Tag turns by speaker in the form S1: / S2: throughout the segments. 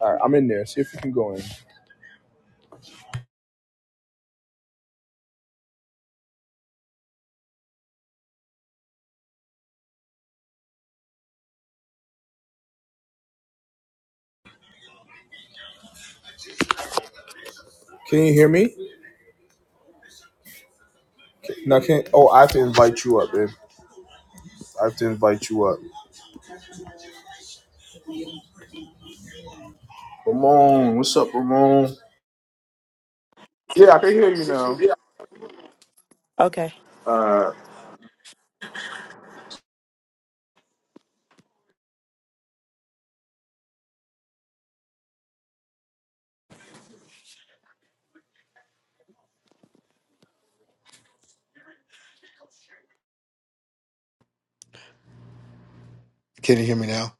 S1: All right, I'm in there. See if you can go in. Can you hear me? No, can not Oh, I have to invite you up, babe. I have to invite you up. Ramon, what's up, Ramon? Yeah, I can hear you now.
S2: Okay.
S1: Uh,
S3: Can you hear me now?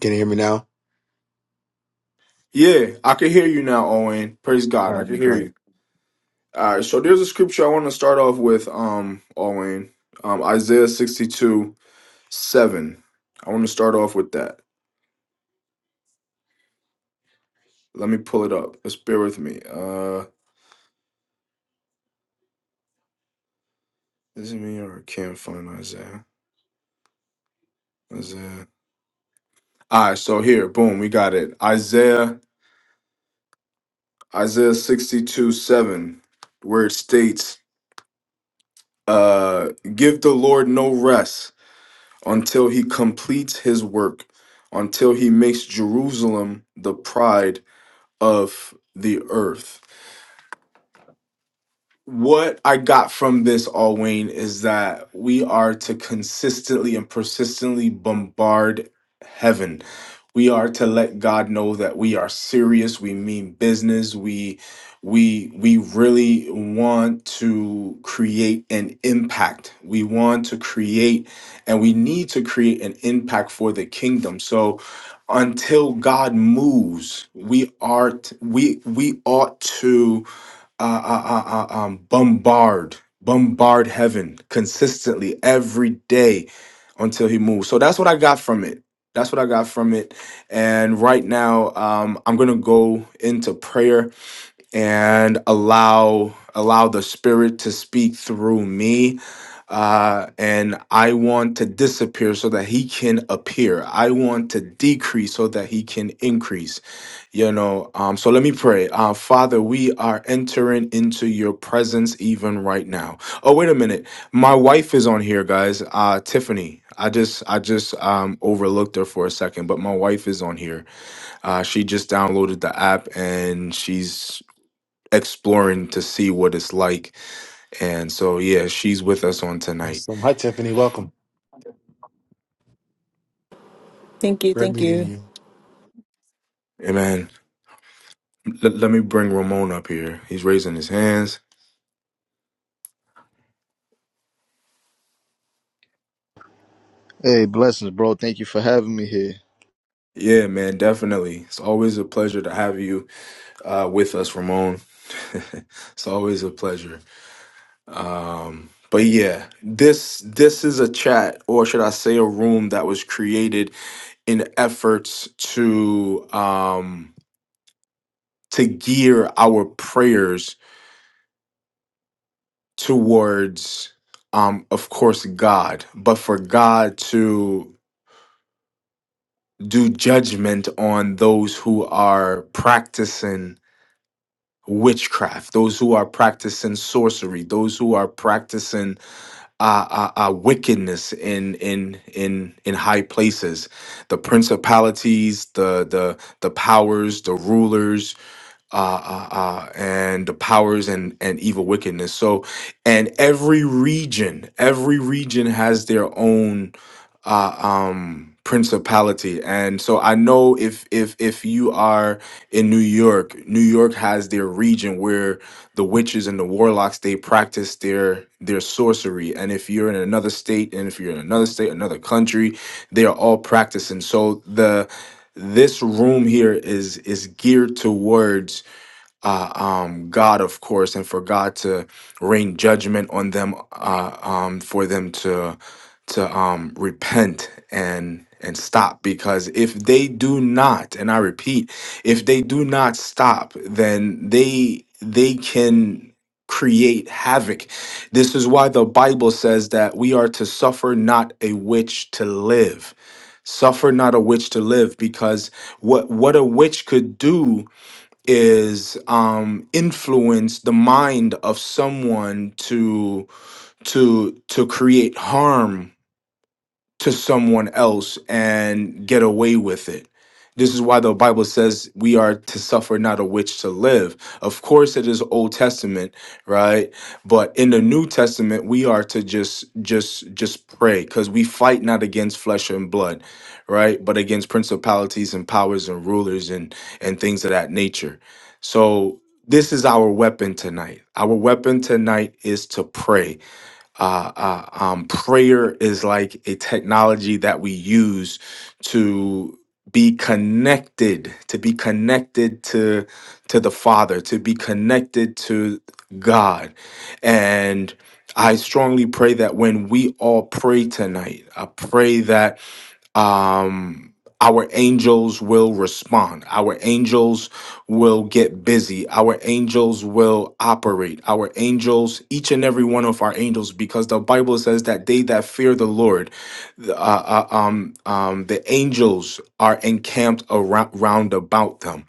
S3: Can you hear me now?
S1: yeah, I can hear you now, Owen. Praise
S3: All
S1: God, I can
S3: right,
S1: hear
S3: great.
S1: you. All right, so there's a scripture I want to start off with, um, Owen, um, Isaiah 62, 7. I want to start off with that. Let me pull it up. Let's bear with me. Uh, this it me or I can't find Isaiah. Isaiah. All right, so here, boom, we got it. Isaiah, Isaiah 62, 7, where it states, uh, give the Lord no rest until he completes his work, until he makes Jerusalem the pride of the earth. what I got from this, all Wayne, is that we are to consistently and persistently bombard heaven. We are to let God know that we are serious. We mean business. We we we really want to create an impact. We want to create and we need to create an impact for the kingdom. So until God moves, we are t- we we ought to uh, uh, uh, uh, um, bombard, bombard heaven consistently every day until he moves. So that's what I got from it. That's what I got from it. And right now, um, I'm gonna go into prayer and allow allow the spirit to speak through me uh and i want to disappear so that he can appear i want to decrease so that he can increase you know um so let me pray uh father we are entering into your presence even right now oh wait a minute my wife is on here guys uh tiffany i just i just um overlooked her for a second but my wife is on here uh, she just downloaded the app and she's exploring to see what it's like. And so, yeah, she's with us on tonight.
S3: Awesome. Hi, Tiffany. Welcome.
S2: Thank you.
S3: Great
S2: Thank you.
S3: meeting you.
S1: And man, l- let me bring Ramon up here. He's raising his hands.
S4: Hey, blessings, bro. Thank you for having me here.
S1: Yeah, man, definitely. It's always a pleasure to have you uh, with us, Ramon. it's always a pleasure. Um, but yeah, this this is a chat, or should I say, a room that was created in efforts to um, to gear our prayers towards um of course God, but for God to do judgment on those who are practicing witchcraft, those who are practicing sorcery, those who are practicing uh, uh, uh wickedness in in in in high places, the principalities, the the the powers, the rulers, uh, uh, uh, and the powers and, and evil wickedness. So, and every region, every region has their own uh, um, principality. And so, I know if if if you are in New York, New York has their region where the witches and the warlocks they practice their their sorcery. And if you're in another state, and if you're in another state, another country, they are all practicing. So the this room here is is geared towards uh, um, God, of course, and for God to rain judgment on them, uh, um, for them to to um, repent and and stop. Because if they do not, and I repeat, if they do not stop, then they they can create havoc. This is why the Bible says that we are to suffer not a witch to live. Suffer not a witch to live, because what what a witch could do is um influence the mind of someone to to to create harm to someone else and get away with it. This is why the Bible says we are to suffer not a witch to live. Of course it is Old Testament, right? But in the New Testament we are to just just just pray cuz we fight not against flesh and blood, right? But against principalities and powers and rulers and and things of that nature. So this is our weapon tonight. Our weapon tonight is to pray uh, uh, um, prayer is like a technology that we use to be connected, to be connected to to the Father, to be connected to God, and I strongly pray that when we all pray tonight, I pray that um, our angels will respond. Our angels will get busy. Our angels will operate. Our angels, each and every one of our angels, because the Bible says that they that fear the Lord, the- uh, uh, um, um, the angels are encamped around, round about them.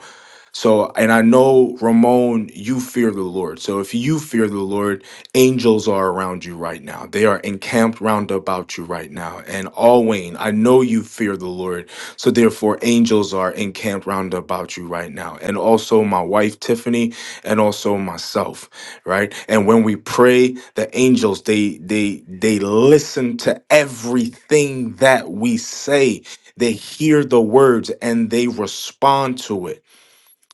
S1: So, and I know, Ramon, you fear the Lord. So, if you fear the Lord, angels are around you right now. They are encamped round about you right now. And Alwayne, I know you fear the Lord. So, therefore, angels are encamped round about you right now. And also, my wife, Tiffany, and also myself, right? And when we pray, the angels, they, they, they listen to everything that we say. They hear the words and they respond to it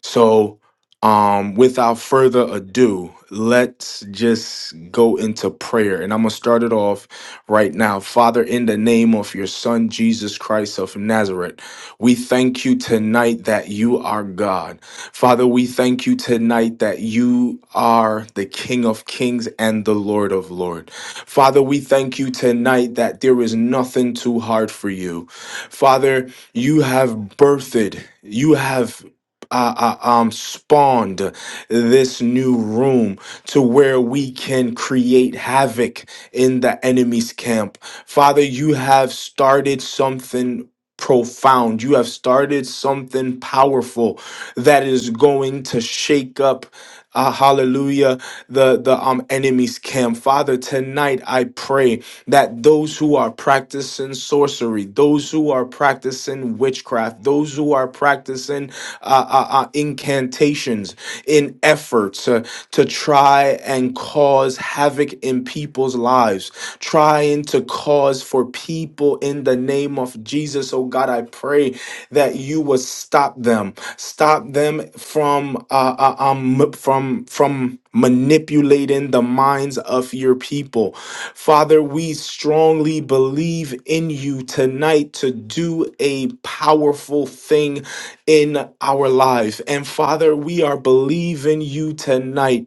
S1: so, um, without further ado, let's just go into prayer. And I'm going to start it off right now. Father, in the name of your Son, Jesus Christ of Nazareth, we thank you tonight that you are God. Father, we thank you tonight that you are the King of Kings and the Lord of Lords. Father, we thank you tonight that there is nothing too hard for you. Father, you have birthed, you have uh, uh, um, spawned this new room to where we can create havoc in the enemy's camp. Father, you have started something profound. You have started something powerful that is going to shake up uh, hallelujah, the, the um, enemy's camp. Father, tonight I pray that those who are practicing sorcery, those who are practicing witchcraft, those who are practicing uh, uh, uh, incantations in efforts uh, to try and cause havoc in people's lives, trying to cause for people in the name of Jesus. Oh God, I pray that you would stop them, stop them from uh, uh, um, from from manipulating the minds of your people. Father, we strongly believe in you tonight to do a powerful thing in our life. And Father, we are believing you tonight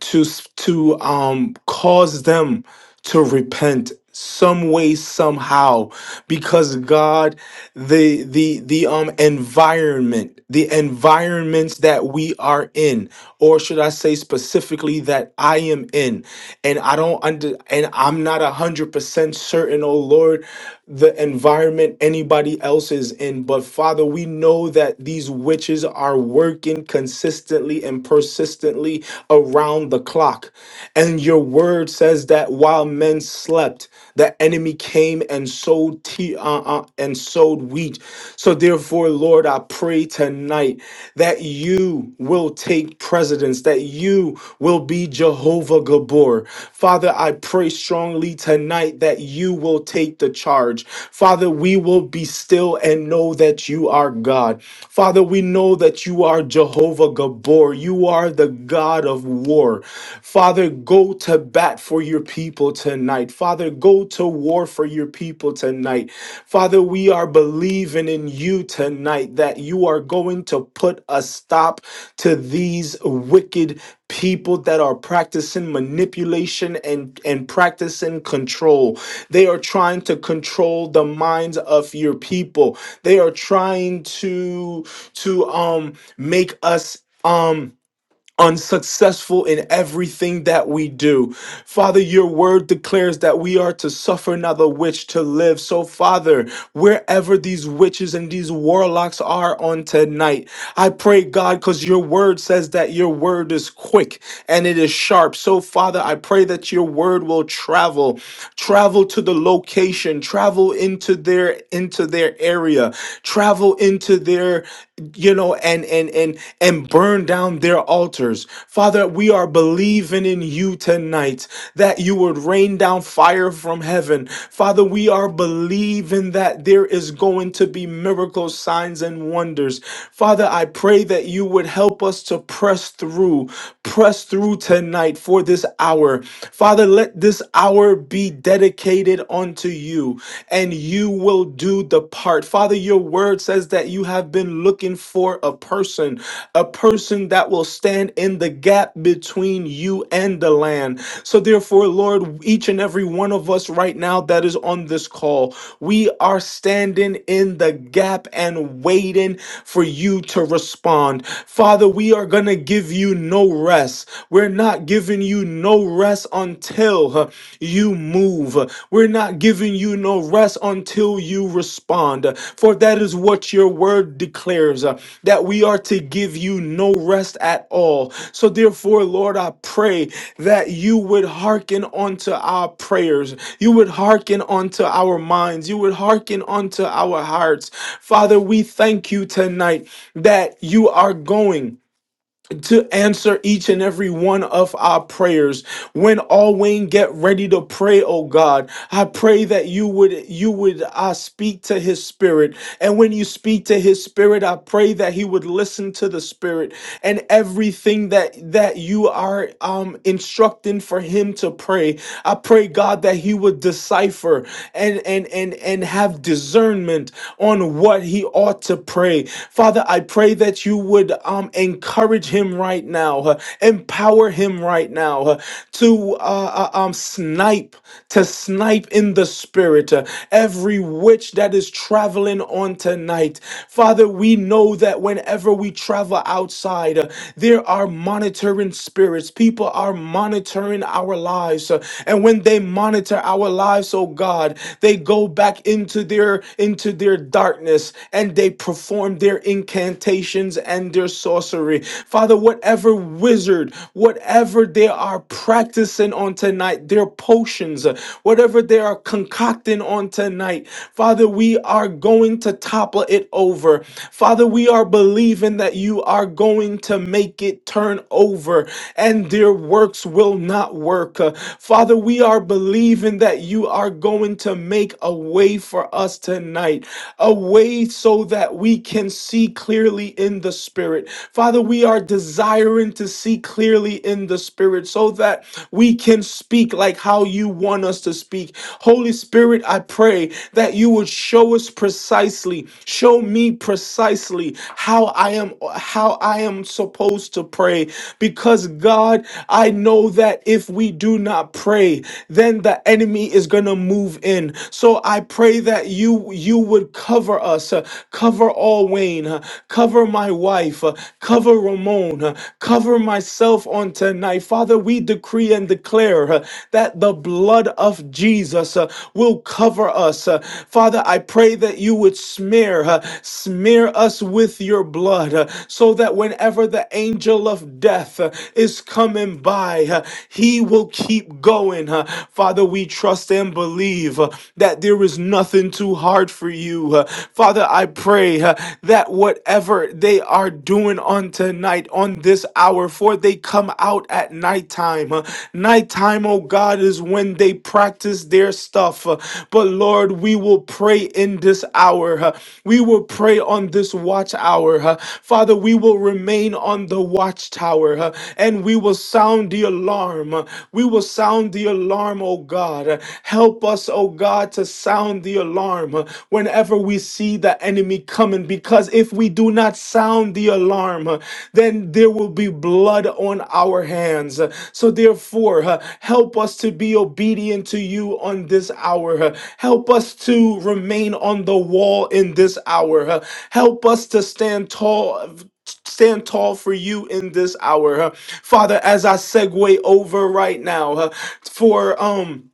S1: to s- to um cause them to repent some way somehow because god the the the um environment the environments that we are in or should i say specifically that i am in and i don't under and i'm not a hundred percent certain oh lord the environment anybody else is in. But Father, we know that these witches are working consistently and persistently around the clock. And your word says that while men slept, the enemy came and sowed te- uh, uh, and sowed wheat. So therefore, Lord, I pray tonight that you will take take precedence, that you will be Jehovah Gabor. Father, I pray strongly tonight that you will take the charge. Father, we will be still and know that you are God. Father, we know that you are Jehovah Gabor. You are the God of war. Father, go to bat for your people tonight. Father, go to war for your your people tonight. Father, we are believing in you tonight that you are going to put a stop to these wicked people that are practicing manipulation and, and practicing control. They are trying to control the minds of your people. They are trying to to um make us um unsuccessful in everything that we do. Father, your word declares that we are to suffer not the witch to live. So, Father, wherever these witches and these warlocks are on tonight, I pray, God, because your word says that your word is quick and it is sharp. So, Father, I pray that your word will travel, travel to the location, travel into their into their area, travel travel into their you know and and and and burn down their altars father we are believing in you tonight that you would rain down fire from heaven father we are believing that there is going to be miracles signs and wonders father i pray that you would help us to press through press through tonight for this hour father let this hour be dedicated committed unto you, and you will do the part. Father, your word says that you have been looking for a person, a person that will stand in the gap between you and the land. So, therefore, Lord, each and every one of us right now that is on this call, we are standing in the gap and waiting for you to respond. Father, we are going to give you no rest. We're we're not giving you no rest until uh, you move. We're not giving you no rest until you respond. For that is what your word declares uh, that we are to give you no rest at all. So, therefore, Lord, I pray that you would hearken unto our prayers. You would hearken unto our minds. You would hearken unto our hearts. Father, we thank you tonight that you are going to answer each and every one of our prayers. When all Wayne get ready to pray, oh God, I pray that you would you would uh, speak to his spirit. And when you speak to his spirit, I pray that he would listen to the spirit and everything that that you are um instructing for him to pray. I pray God that he would decipher and and and and have discernment on what he ought to pray. Father, I pray that you would um, encourage him right now, uh, empower him right now uh, to uh, uh, um, snipe, to snipe in the spirit uh, every witch that is traveling on tonight. Father, we know that whenever we travel outside, uh, there are monitoring spirits. People are monitoring our lives. uh, and when they monitor our lives, oh God, they go back into their into their darkness and they perform their incantations and their sorcery. Father, whatever wizard, whatever they are practicing on tonight, their potions, uh, whatever they are concocting on tonight, Father, we are going to topple it over. Father, we are believing that you are going to make it turn over and their works will not work. Uh, Father, we are believing that that you are going to make a way for us tonight, a way so that we can see clearly in the spirit. Father, we are desiring to see clearly in the spirit so that we can speak like how you want us to speak. Holy Spirit, I pray that you would show us precisely, show me precisely how I am how I am supposed to pray because God, I know that if we do not not pray, then the enemy is going to move in. So I pray that you you would cover us, uh, cover all Wayne, uh, cover my wife, uh, cover Ramon, uh, cover myself on tonight. Father, we decree and declare uh, that the blood of Jesus uh, will cover us. Uh, Father, I pray that you would smear uh, smear us with your blood uh, so that whenever the angel of death uh, is coming him by. uh, He will keep going. uh, Father, we trust and believe uh, that there is nothing too hard for you. uh, Father, I pray uh, that whatever they are doing on tonight, on this hour, for they come out at nighttime. uh, Nighttime, oh God, is when they practice their stuff. uh, But Lord, we will pray in this hour. uh, We will pray on this watch hour. uh, Father, we will remain on the watch watchtower uh, and we will sound the alarm. uh, We will sound the alarm, oh God. Uh, Help us, oh God, to sound the alarm uh, whenever we see the enemy coming because if we do not sound the alarm, uh, then there will be blood on our hands. Uh, So therefore, uh, help us to be obedient to you on this hour. uh, Help us to remain on the wall in this hour. uh, Help us to stand tall stand tall for you in this hour. huh? Father, as I segue over right now, huh, for um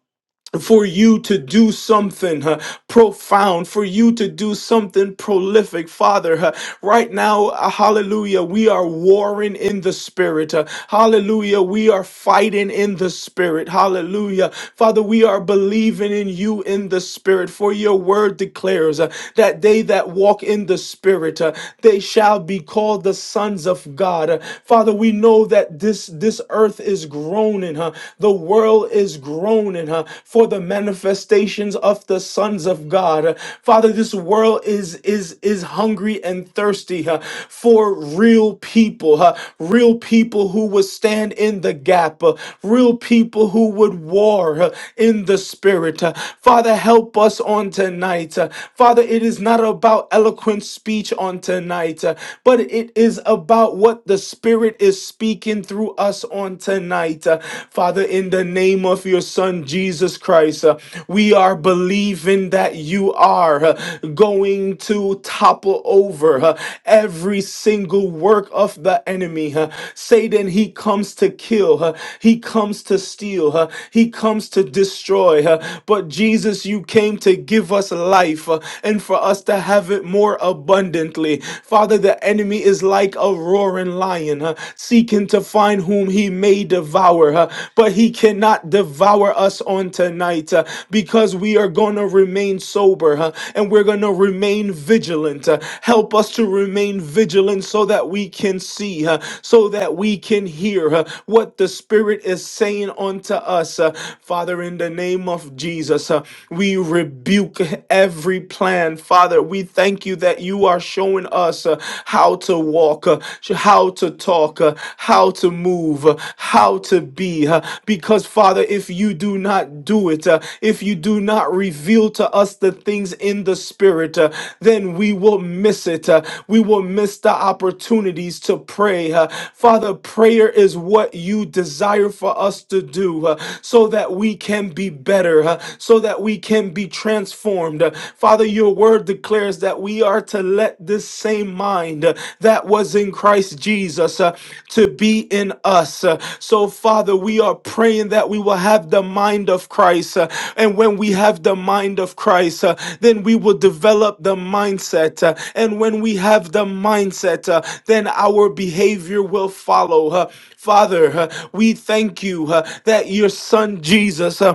S1: for you to do something uh, profound, for you to do something prolific, Father. uh, right now, uh, hallelujah, we are warring in the spirit. uh, hallelujah, we are fighting in the spirit. Hallelujah. Father, we are believing in you in the spirit, for your word declares uh, that they that walk in the spirit, uh, they shall be called the sons of God. Uh, Father, we know that this, this earth is groaning. huh? huh? The world is groaning huh? for the manifestations of the sons of God. Uh, Father, this world is is is hungry and thirsty huh? for real people, huh? real people who would stand in the gap, uh, real people who would war uh, in the spirit. uh. Father, help us on tonight. uh. Father, it is not about eloquent speech on tonight, uh, but it is about what the spirit is speaking through us on tonight. Uh, Father, in the name of your Son, Jesus Christ, uh, we are believing that you are uh, going to topple over uh, every single work of the enemy. uh. Satan, he comes to kill, uh, he comes to steal, uh, he comes to destroy. uh, But Jesus, you came to give us life uh, and for us to have it more abundantly. Father, the enemy enemy is like a roaring lion, uh, seeking to find whom he may devour, uh, but he cannot devour us on tonight uh, because we are going to remain sober uh, and we're going to remain vigilant. uh, help us to remain vigilant so that we can see, uh, so that we can hear uh, what the Spirit is saying unto us. uh, Father, in the name of Jesus, uh, we rebuke every plan. Father, we thank thank you that you are showing us uh, how to walk, uh, sh- how to talk, uh, how to move, uh, how to be. uh, Because, Father, if you do not do it, uh, if you do not reveal to us the things in the Spirit, uh, then we will miss it. uh, We will miss the opportunities to pray. uh, Father, prayer is what you desire for us to do uh, so that we can be better, uh, so that we can be transformed transformed. Father, your word declares that we are to let this same mind uh, that was in Christ Jesus uh, to be in us. Uh, So, Father, we are praying that we will have the mind of Christ. uh, And when we have the mind of Christ, uh, then we will develop the mindset. uh, And when we have the mindset, uh, then our behavior will follow. uh. Father, uh, we thank you uh, that your son Jesus. Jesus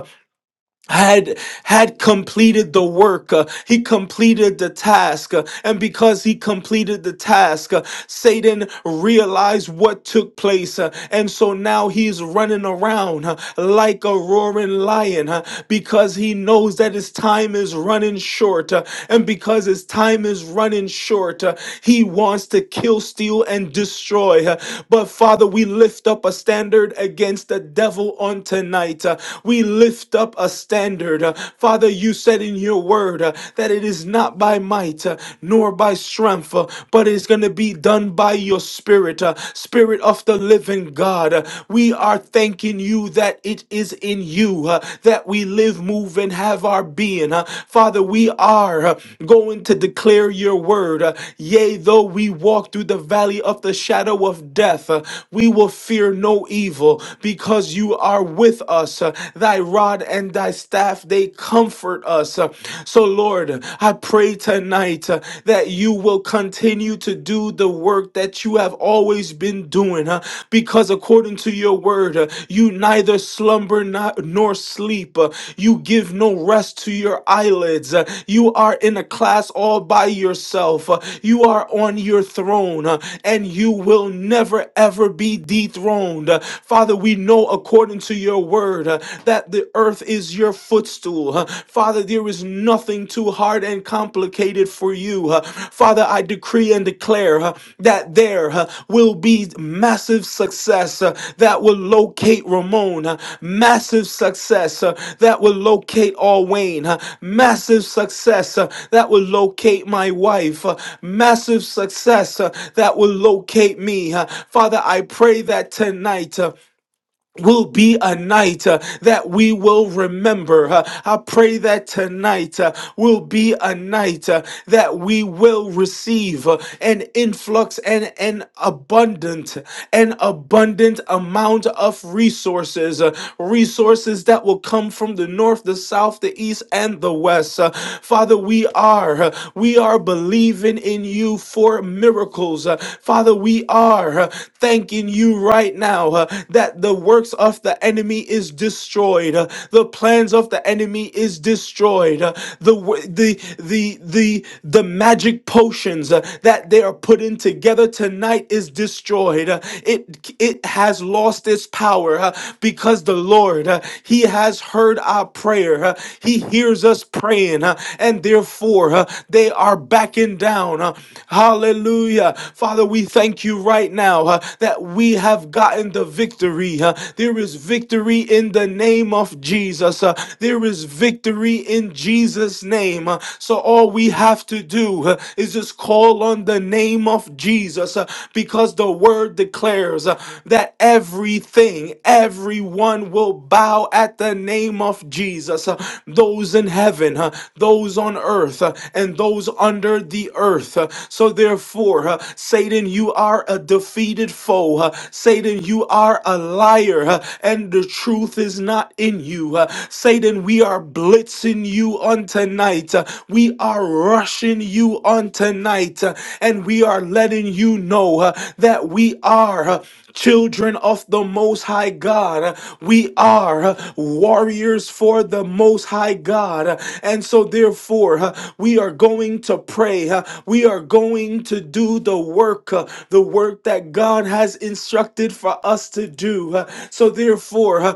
S1: had had completed the work uh, he completed the task uh, and because he completed the task uh, satan realized what took place uh, and so now he's running around uh, like a roaring lion uh, because he knows that his time is running short uh, and because his time is running short uh, he wants to kill steal and destroy uh, but father we lift up a standard against the devil on tonight uh, we lift up a standard. Uh, Father, you said in your word uh, that it is not by might uh, nor by strength, uh, but it's going to be done by your spirit, uh, spirit of the living God. Uh, We are thanking you that it is in you uh, that we live, move, and have our being. Uh, Father, we are uh, going to declare your word. Uh, Yea, though we walk through the valley of the shadow of death, uh, we will fear no evil because you are with us. Uh, Thy rod and thy staff, they comfort us. Uh, So, Lord, I pray tonight uh, that you will continue to do the work that you have always been doing, huh? because according to your word, uh, you neither slumber not, nor sleep. Uh, You give no rest to your eyelids. Uh, You are in a class all by yourself. Uh, You are on your throne, uh, and you will never ever be dethroned. Uh, Father, we know according according to your word, uh, that the earth is your footstool. Uh, Father, there is nothing too hard and complicated for you. Uh, Father, I decree and declare uh, that there uh, will be massive success uh, that will locate Ramon, uh, massive success uh, that will locate Alwayne, uh, massive success uh, that will locate my wife, uh, massive success uh, that will locate me. Uh, Father, I pray that tonight. uh, will be a night uh, that we will remember. Uh, I pray that tonight uh, will be a night uh, that we will receive uh, an influx and an abundant, an abundant amount of resources, uh, resources that will come from the north, the south, the east, and the west. Uh, Father, we are, uh, we are believing in you for miracles. Uh, Father, we are uh, thanking you right now uh, that the works of the enemy is destroyed. Uh, the plans of the enemy is destroyed. Uh, the, w- the, the, the, the magic potions uh, that they are putting together tonight is destroyed. Uh, it, it has lost its power uh, because the Lord, uh, He has heard our prayer prayer. huh? He hears us praying, huh? and therefore huh, they are backing down. huh? Hallelujah. Father, we thank you right now huh, that we have gotten the victory. huh? There is victory in the name of Jesus. huh? There is victory in Jesus' name. huh? So all we have to do huh, is just call on the name of Jesus uh, because the word declares declares uh, that everything, everyone will bow at the name of Jesus. uh, Those in heaven, uh, those on earth, uh, and those under the earth. uh, So therefore, uh, Satan, you are a defeated foe. uh, Satan, you are a liar, uh, and the truth is not in you. uh, Satan, we are blitzing you on tonight. uh, We are are rushing you on tonight, uh, and we are letting you know uh, that we are uh, children of the Most High God. Uh, We are uh, warriors for the Most High God. Uh, And so, therefore, uh, we are going to pray. uh, We are going to do the work, uh, the work that God has instructed for us to do. Uh, So, therefore, uh,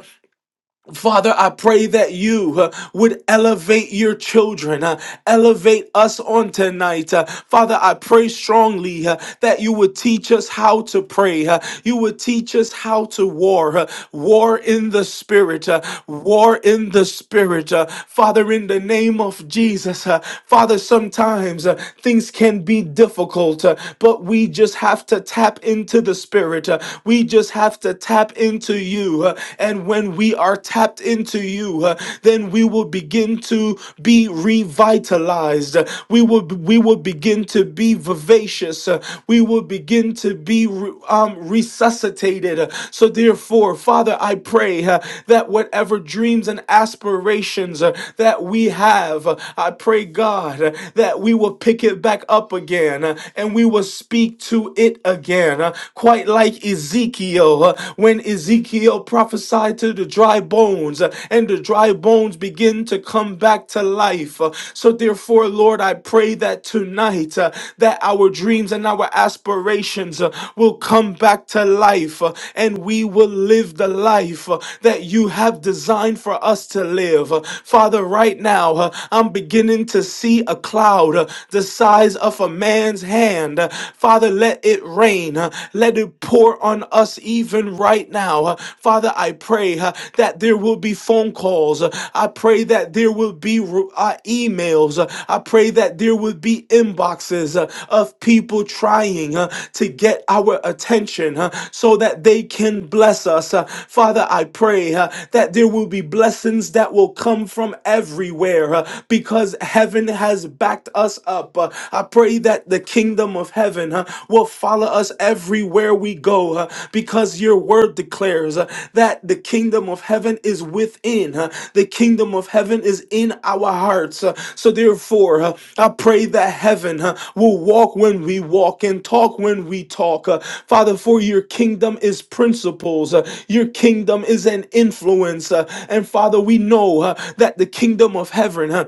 S1: Father, I pray that you uh, would elevate your children, uh, elevate us on tonight. Uh, Father, I pray strongly uh, that you would teach us how to pray. uh, you would teach us how to war, uh, war in the spirit, uh, war in the spirit. uh, Father, in the name of Jesus, uh, Father, sometimes uh, things can be difficult, uh, but we just have to tap into the spirit. uh, we just have to tap into you, uh, and when we are tapped into you, uh, then we will begin to be revitalized. Uh, We will we will begin to be vivacious. Uh, We will begin to be re- um, resuscitated. Uh, So therefore, Father, I pray uh, that whatever dreams and aspirations uh, that we have, uh, I pray God uh, that we will pick it back up again uh, and we will speak to it again. uh, quite like Ezekiel uh, when Ezekiel prophesied to the dry bones uh, and the dry bones begin to come back to life. Uh, So therefore, Lord, I pray that tonight uh, that our dreams and our aspirations uh, will come back to life uh, and we will live the life uh, that you have designed for us to live. Uh, Father, right now, uh, I'm beginning to see a cloud uh, the size of a man's hand, uh, Father, let it rain. uh, Let it pour on us even right now. Uh, Father, I pray uh, that there will be phone calls. Uh, I pray that there will be uh, emails. Uh, I pray that there will be inboxes uh, of people trying uh, to get our attention uh, so that they can bless us. Uh, Father, I pray uh, that there will be blessings that will come from everywhere uh, because heaven has backed us up. Uh, I pray that the kingdom of heaven uh, will follow us everywhere we go uh, because your word declares uh, that the kingdom of heaven is within. uh, the kingdom of heaven is in our hearts. uh, so therefore, uh, I pray that heaven uh, will walk when we walk and talk when we talk. uh, Father, for your kingdom is principles. uh, your kingdom is an influence. uh, and Father, we know uh, that the kingdom of heaven uh,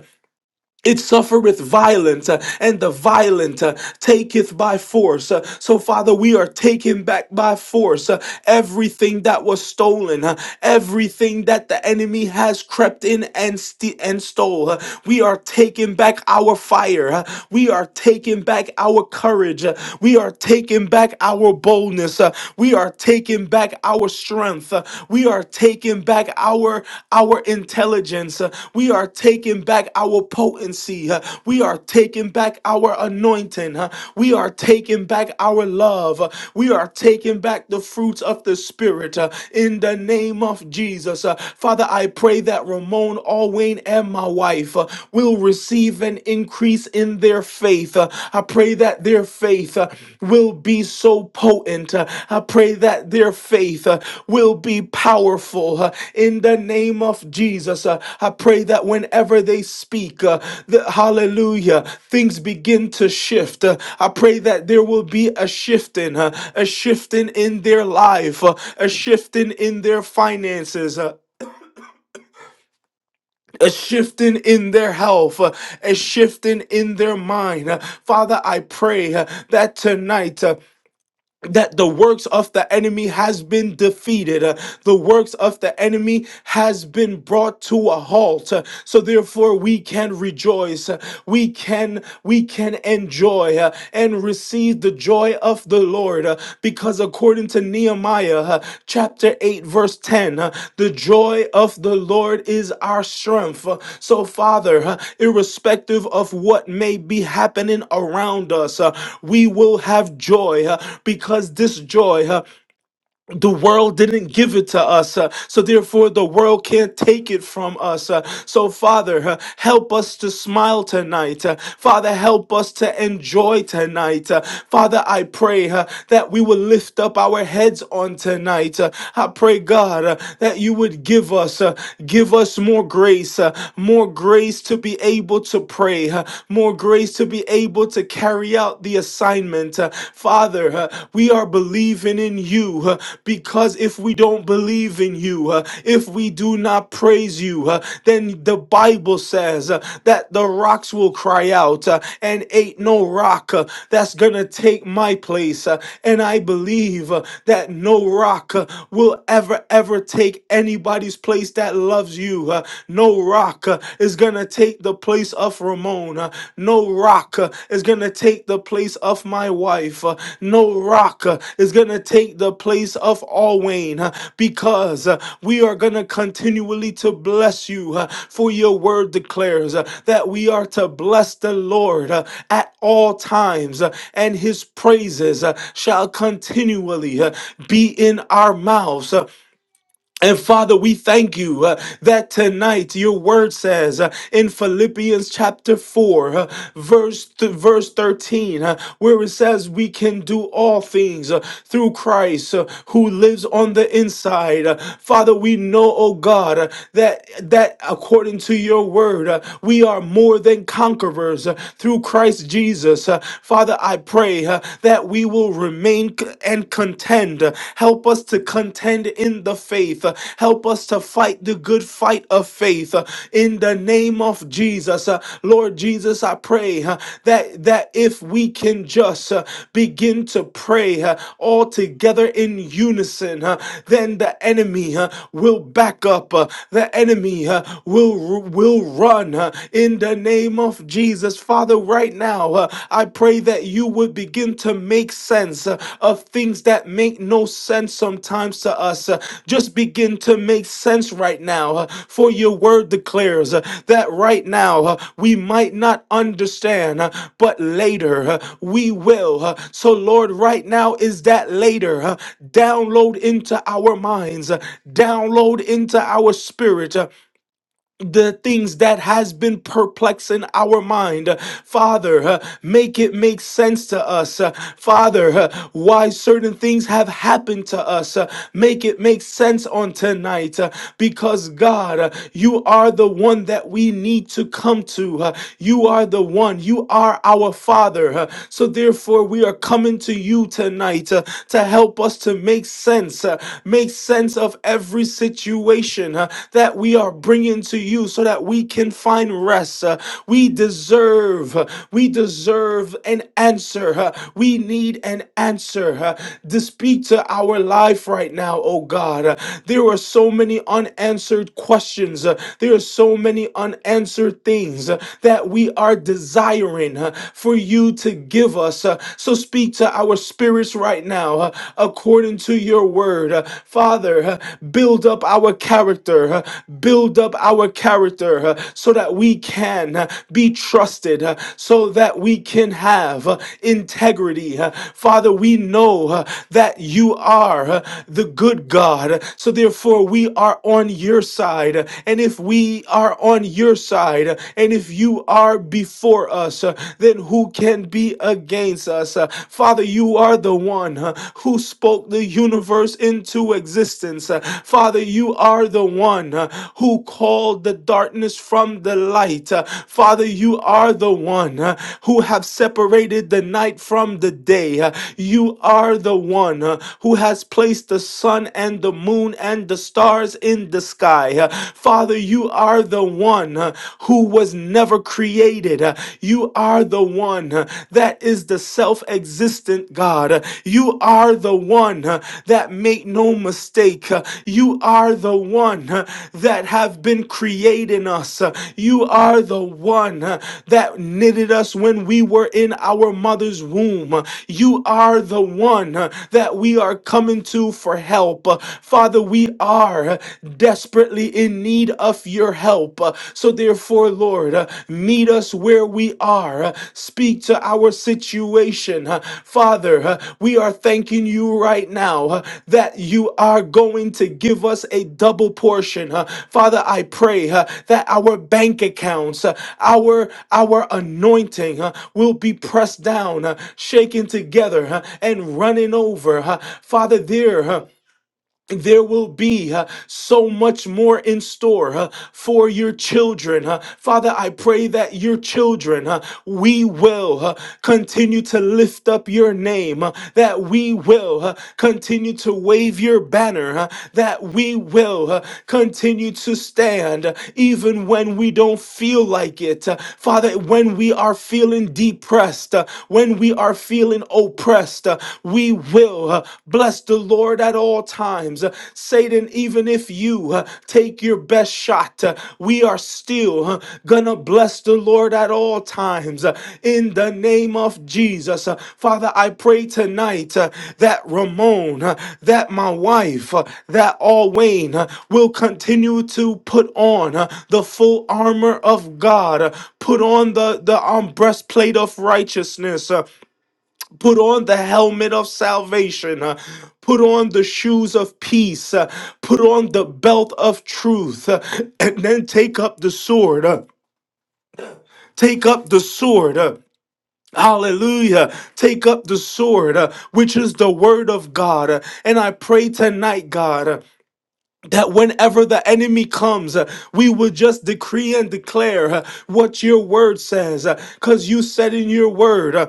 S1: it suffereth violence, uh, and the violent uh, taketh by force. Uh, So, Father, we are taking back by force uh, everything that was stolen, uh, everything that the enemy has crept in and st- and stole. Uh, We are taking back our fire. uh, We are taking back our courage. uh, We are taking back our boldness. uh, We are taking back our strength strength. Uh, We are taking back our our intelligence. Uh, We are taking back our potency. Uh, We are taking back our anointing. Uh, We are taking back our love. Uh, We are taking back the fruits of the spirit uh, in the name of Jesus. Uh, Father, I pray that Ramon, Alwayne, and my wife uh, will receive an increase in their faith faith, uh, I pray that their faith uh, will be so potent. uh, I pray that their faith uh, will be powerful uh, in the name of Jesus. uh, I pray that whenever they speak, uh, the, hallelujah, things begin to shift. uh, I pray that there will be a shifting, uh, a shifting in their life, uh, a shifting in their finances, uh, a shifting in their health, uh, a shifting in their mind. Uh, Father, I pray uh, that tonight uh, that the works of the enemy has been defeated. uh, The works of the enemy has been brought to a halt. uh, So therefore we can rejoice. uh, We can we can enjoy uh, and receive the joy of the Lord uh, because because according to Nehemiah uh, chapter 8, verse 10, uh, the joy of the Lord is our strength. Uh, So, Father, uh, irrespective of what may be happening around us, uh, we will have joy uh, because this joy. uh, the world didn't give it to us, uh, so therefore the world can't take it from us. uh, so, Father, uh, help us to smile tonight. uh, Father, help us to enjoy tonight. uh, Father, I pray uh, that we will lift up our heads on tonight. uh, I pray, God, uh, that you would give us, uh, give us more grace, uh, more grace to be able to pray, uh, more grace to be able to carry out out the assignment. Uh, Father, uh, we are believing in you uh, because if we don't believe in you, uh, if we do not praise you, uh, then the Bible says uh, that the rocks will cry out, uh, and ain't no rock uh, that's going to take my place. uh, and I believe uh, that no rock uh, will ever, ever take anybody's place that loves you. uh, no rock. uh, is going to take the place of Ramon. Uh, No rock uh, is going to take the place of my wife. Uh, No rock uh, is going to take the place of Alwayne uh, because uh, we are going to continually to bless you uh, for your word declares uh, that we are to bless the Lord uh, at all times uh, and his praises uh, shall continually uh, be in our mouths. Uh, and Father, we thank you uh, that tonight your word says uh, in Philippians chapter 4, uh, verse, th- verse 13, uh, where it says, We can do all things uh, through Christ uh, who lives on the inside. Uh, Father, we know, oh God, uh, that, that according to your word, uh, we are more than conquerors uh, through Christ Jesus. Uh, Father, I pray uh, that we will remember remain c- and contend. Help us to contend in the faith. Help us to fight the good fight of faith uh, in the name of Jesus. Uh, Lord Jesus, I pray uh, that that if we can just uh, begin to pray uh, all together in unison, uh, then the enemy uh, will back up. uh, The enemy uh, will will run uh, in the name of Jesus Father, right now, uh, I pray that you would begin to make sense uh, of things that make no sense sometimes to us. uh, just begin to make sense right now, uh, for your word declares uh, that right now uh, we might not understand, uh, but later uh, we will. uh, so, Lord, right now is that later. uh, download into our minds, uh, download into our spirit. uh, the things that has been perplexing our mind Uh, father uh, make it make sense to us Uh, father uh, why certain things have happened to us Uh, make it make sense on tonight Uh, because god uh, you are the one that we need to come to Uh, you are the one you are our father Uh, so therefore we are coming to you tonight uh, to help us to make sense uh, make sense of of every situation uh, that we are bringing to you so that we can find rest. uh, we deserve, uh, we deserve an answer. uh, we need an answer uh, to speak to our life right now, oh God. Uh, there are so many unanswered questions, uh, there are so many unanswered things uh, that we are desiring uh, for you to give us. uh, so speak to our spirits right now now, uh, according to your word. Uh, Father, uh, build up our character, uh, build up our character uh, so that we can uh, be trusted, uh, so that we can have uh, integrity. Uh, Father, we know uh, that you are uh, the good God, so therefore we are on your side. And if we are on your side, and if you are before us, uh, then who can can be against us. Uh, Father, you are the one uh, who spoke the universe into existence. Uh, Father, you are the one uh, who called the darkness from the light. Uh, Father, you are the one uh, who have separated the night from the day. Uh, You are the one uh, who has placed the sun and the moon and the stars in the sky. Uh, Father, you are the one uh, who was was never created. Uh, You are the one uh, that is the self existent God. Uh, You are the one uh, that make no mistake. Uh, You are the one uh, that have been creating us. Uh, You are the one uh, that knitted us when we were in our mother's womb. Uh, You are the one uh, that we are coming to for help. Uh, Father, we are uh, desperately desperately in need of your help. Uh, So, therefore, Lord, uh, meet us where we are. Uh, Speak to our situation. Uh, Father, uh, we are thanking you right now uh, that you are going to give us a double portion. Uh, Father, I pray uh, that our bank accounts, uh, our our anointing uh, will be pressed down, uh, shaken together, uh, and running over. Uh, Father, there. uh, there will be uh, so much more in store uh, for your children. uh. Father, I pray that your children, uh, we will uh, continue to lift up your name, uh, that we will uh, continue to wave your banner, uh, that we will uh, continue to stand uh, even when we don't feel like it. Uh, Father, when we are feeling depressed, uh, when we are feeling oppressed, uh, we will. Uh, Bless the Lord at all times. Uh, Satan, even if you uh, take your best shot, uh, we are still uh, gonna bless the Lord at all times. Uh, In the name of Jesus, Uh, Father, I pray tonight uh, that Ramon, uh, that my wife, uh, that all Wayne uh, will continue to put on uh, the full armor of God. Uh, Put on the the um, breastplate of righteousness. uh, Put on the helmet of salvation. uh, Put on the shoes of peace. uh, Put on the belt of truth. uh, And then take up the sword. uh, Take up the sword. uh, Hallelujah. Take up the sword, uh, which is the word of God. uh, And I pray tonight, God, uh, that whenever the enemy comes, uh, we would just decree and declare uh, what your word says. Because you said in your word, uh,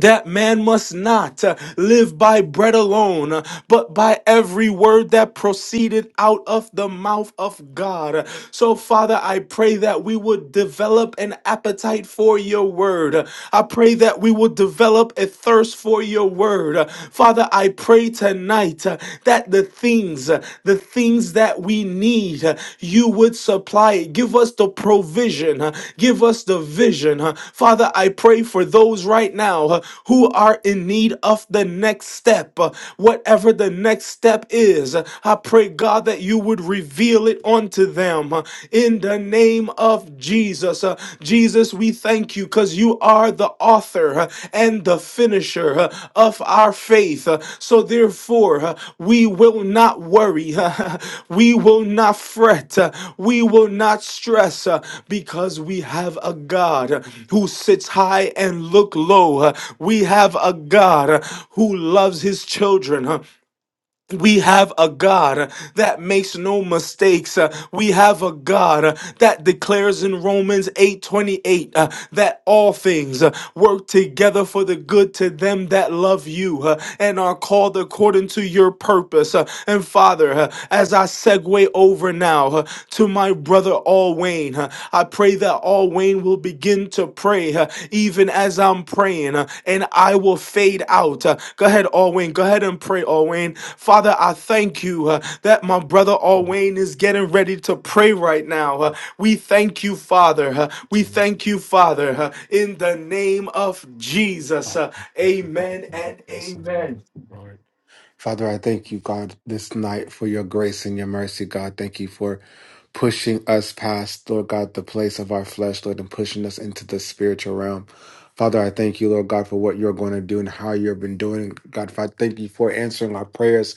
S1: that man must not uh, live by bread alone, uh, but by every word that proceeded out of the mouth of God. Uh, So, Father, I pray that we would develop an appetite for your word. Uh, I pray that we would develop a thirst for your word. Uh, Father, I pray tonight uh, that the things, uh, the things things that we need, uh, you would supply it. Give us the provision, uh, give us the vision. uh. Father, I pray for those right now uh, who are in need of the next step, uh, whatever the next step is. uh, I pray, God, that you would reveal it unto them uh, in the name of Jesus. Uh, Jesus, we thank thank you because you are the author uh, and the finisher uh, of our faith. Uh, So therefore, uh, we will not worry. We will not fret. Uh, We will not stress uh, because we have a God uh, who sits high and look low. Uh, We have a God uh, who loves his children. Uh, we have a God that makes no mistakes. Uh, We have a God uh, that declares in Romans 8:28 uh, that all things uh, work together for the good to them that love you uh, and are called according to your purpose. Uh, And Father, uh, as I segue over now uh, to my brother Al Wayne, uh, I pray that all Wayne will begin to pray uh, even as I'm praying, uh, and I will fade out. Uh, go ahead, all Wayne. Go ahead and pray, all Wayne. Father, I thank you uh, that my brother all Wayne is getting ready to pray right now. Uh, we thank you, Father. Uh, we thank you, Father, uh, in the name of Jesus. Uh, amen and amen.
S3: Lord. Father, I thank you, God, this night for your grace and your mercy, God. Thank you for pushing us past, Lord God, the place of our flesh, Lord, and pushing us into the spiritual realm. Father, I thank you, Lord God, for what you're going to do and how you've been doing. God, I thank you for answering our prayers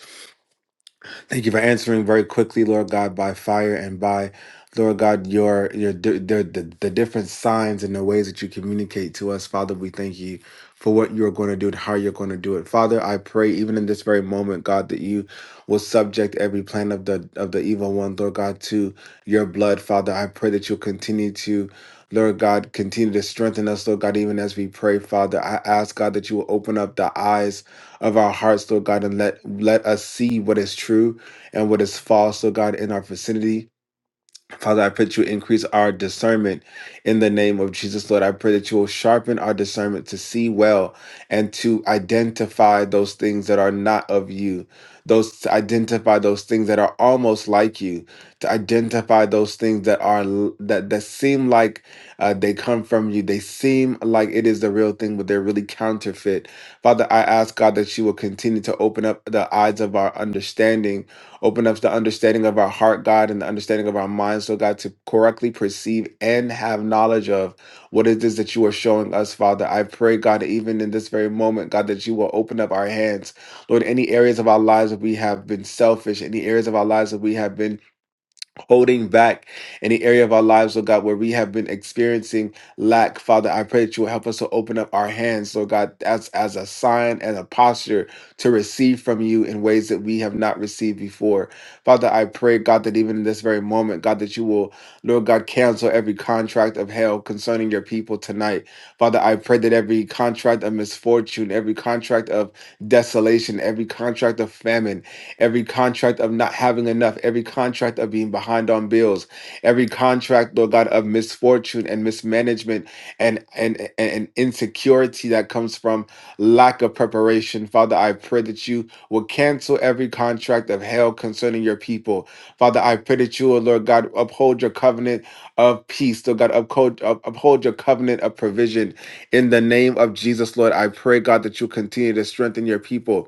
S3: Thank you for answering very quickly, Lord God, by fire and by, Lord God, your your the the, the different signs and the ways that you communicate to us, Father. We thank you for what you are going to do and how you're going to do it, Father. I pray even in this very moment, God, that you will subject every plan of the of the evil one, Lord God, to your blood, Father. I pray that you'll continue to. Lord God, continue to strengthen us, Lord God, even as we pray, Father. I ask, God, that you will open up the eyes of our hearts, Lord God, and let let us see what is true and what is false, oh God, in our vicinity. Father, I pray that you increase our discernment in the name of Jesus, Lord. I pray that you will sharpen our discernment to see well and to identify those things that are not of you, those to identify those things that are almost like you, to identify those things that are l- that that seem like uh, they come from you, they seem like it is the real thing, but they're really counterfeit. Father, I ask God that you will continue to open up the eyes of our understanding Open up the understanding of our heart, God, and the understanding of our minds, so God, to correctly perceive and have knowledge of what it is that you are showing us, Father. I pray, God, that even in this very moment, God, that you will open up our hands. Lord, any areas of our lives that we have been selfish, any areas of our lives that we have been holding back any area of our lives, Lord God, where we have been experiencing lack, Father, I pray that you will help us to open up our hands, Lord God, as, as a sign and a posture to receive from you in ways that we have not received before. Father, I pray, God, that even in this very moment, God, that you will, Lord God, cancel every contract of hell concerning your people tonight. Father, I pray that every contract of misfortune, every contract of desolation, every contract of famine, every contract of not having enough, every contract of being behind on bills, every contract, Lord God, of misfortune and mismanagement and and, and, and insecurity that comes from lack of preparation. Father, I pray that you will cancel every contract of hell concerning your people. Father, I pray that you will, Lord God, uphold your covenant of peace. Lord God, uphold, up- uphold your covenant of provision. In the name of Jesus, Lord, I pray, God, that you continue to strengthen your people.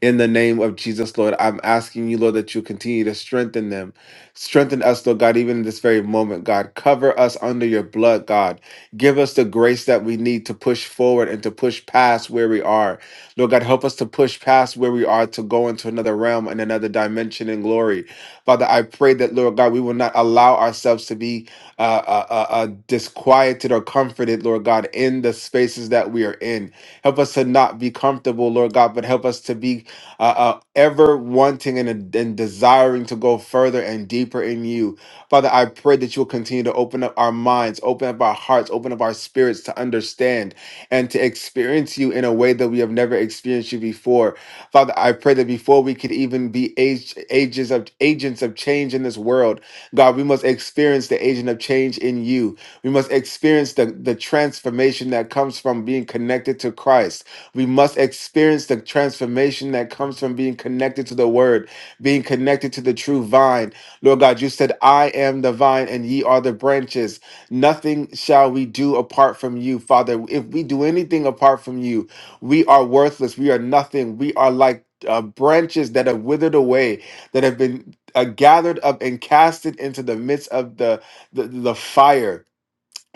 S3: In the name of Jesus, Lord, I'm asking you, Lord, that you continue to strengthen them. Strengthen us, Lord God, even in this very moment, God. Cover us under your blood, God. Give us the grace that we need to push forward and to push past where we are. Lord God, help us to push past where we are to go into another realm and another dimension in glory. Father, I pray that, Lord God, we will not allow ourselves to be uh, uh, uh, uh, disquieted or comforted, Lord God, in the spaces that we are in. Help us to not be comfortable, Lord God, but help us to be uh, uh, ever wanting and, and desiring to go further and deeper in you. Father, I pray that you will continue to open up our minds, open up our hearts, open up our spirits to understand and to experience you in a way that we have never experienced you before. Father, I pray that before we could even be age, ages of agents of change in this world, God, we must experience the agent of change in you. We must experience the, the transformation that comes from being connected to Christ. We must experience the transformation that comes from being connected to the word, being connected to the true vine. Lord God, you said, I am the vine and ye are the branches. Nothing shall we do apart from you, Father. If we do anything apart from you, we are worthless. We are nothing. We are like uh, branches that have withered away, that have been uh, gathered up and casted into the midst of the, the, the fire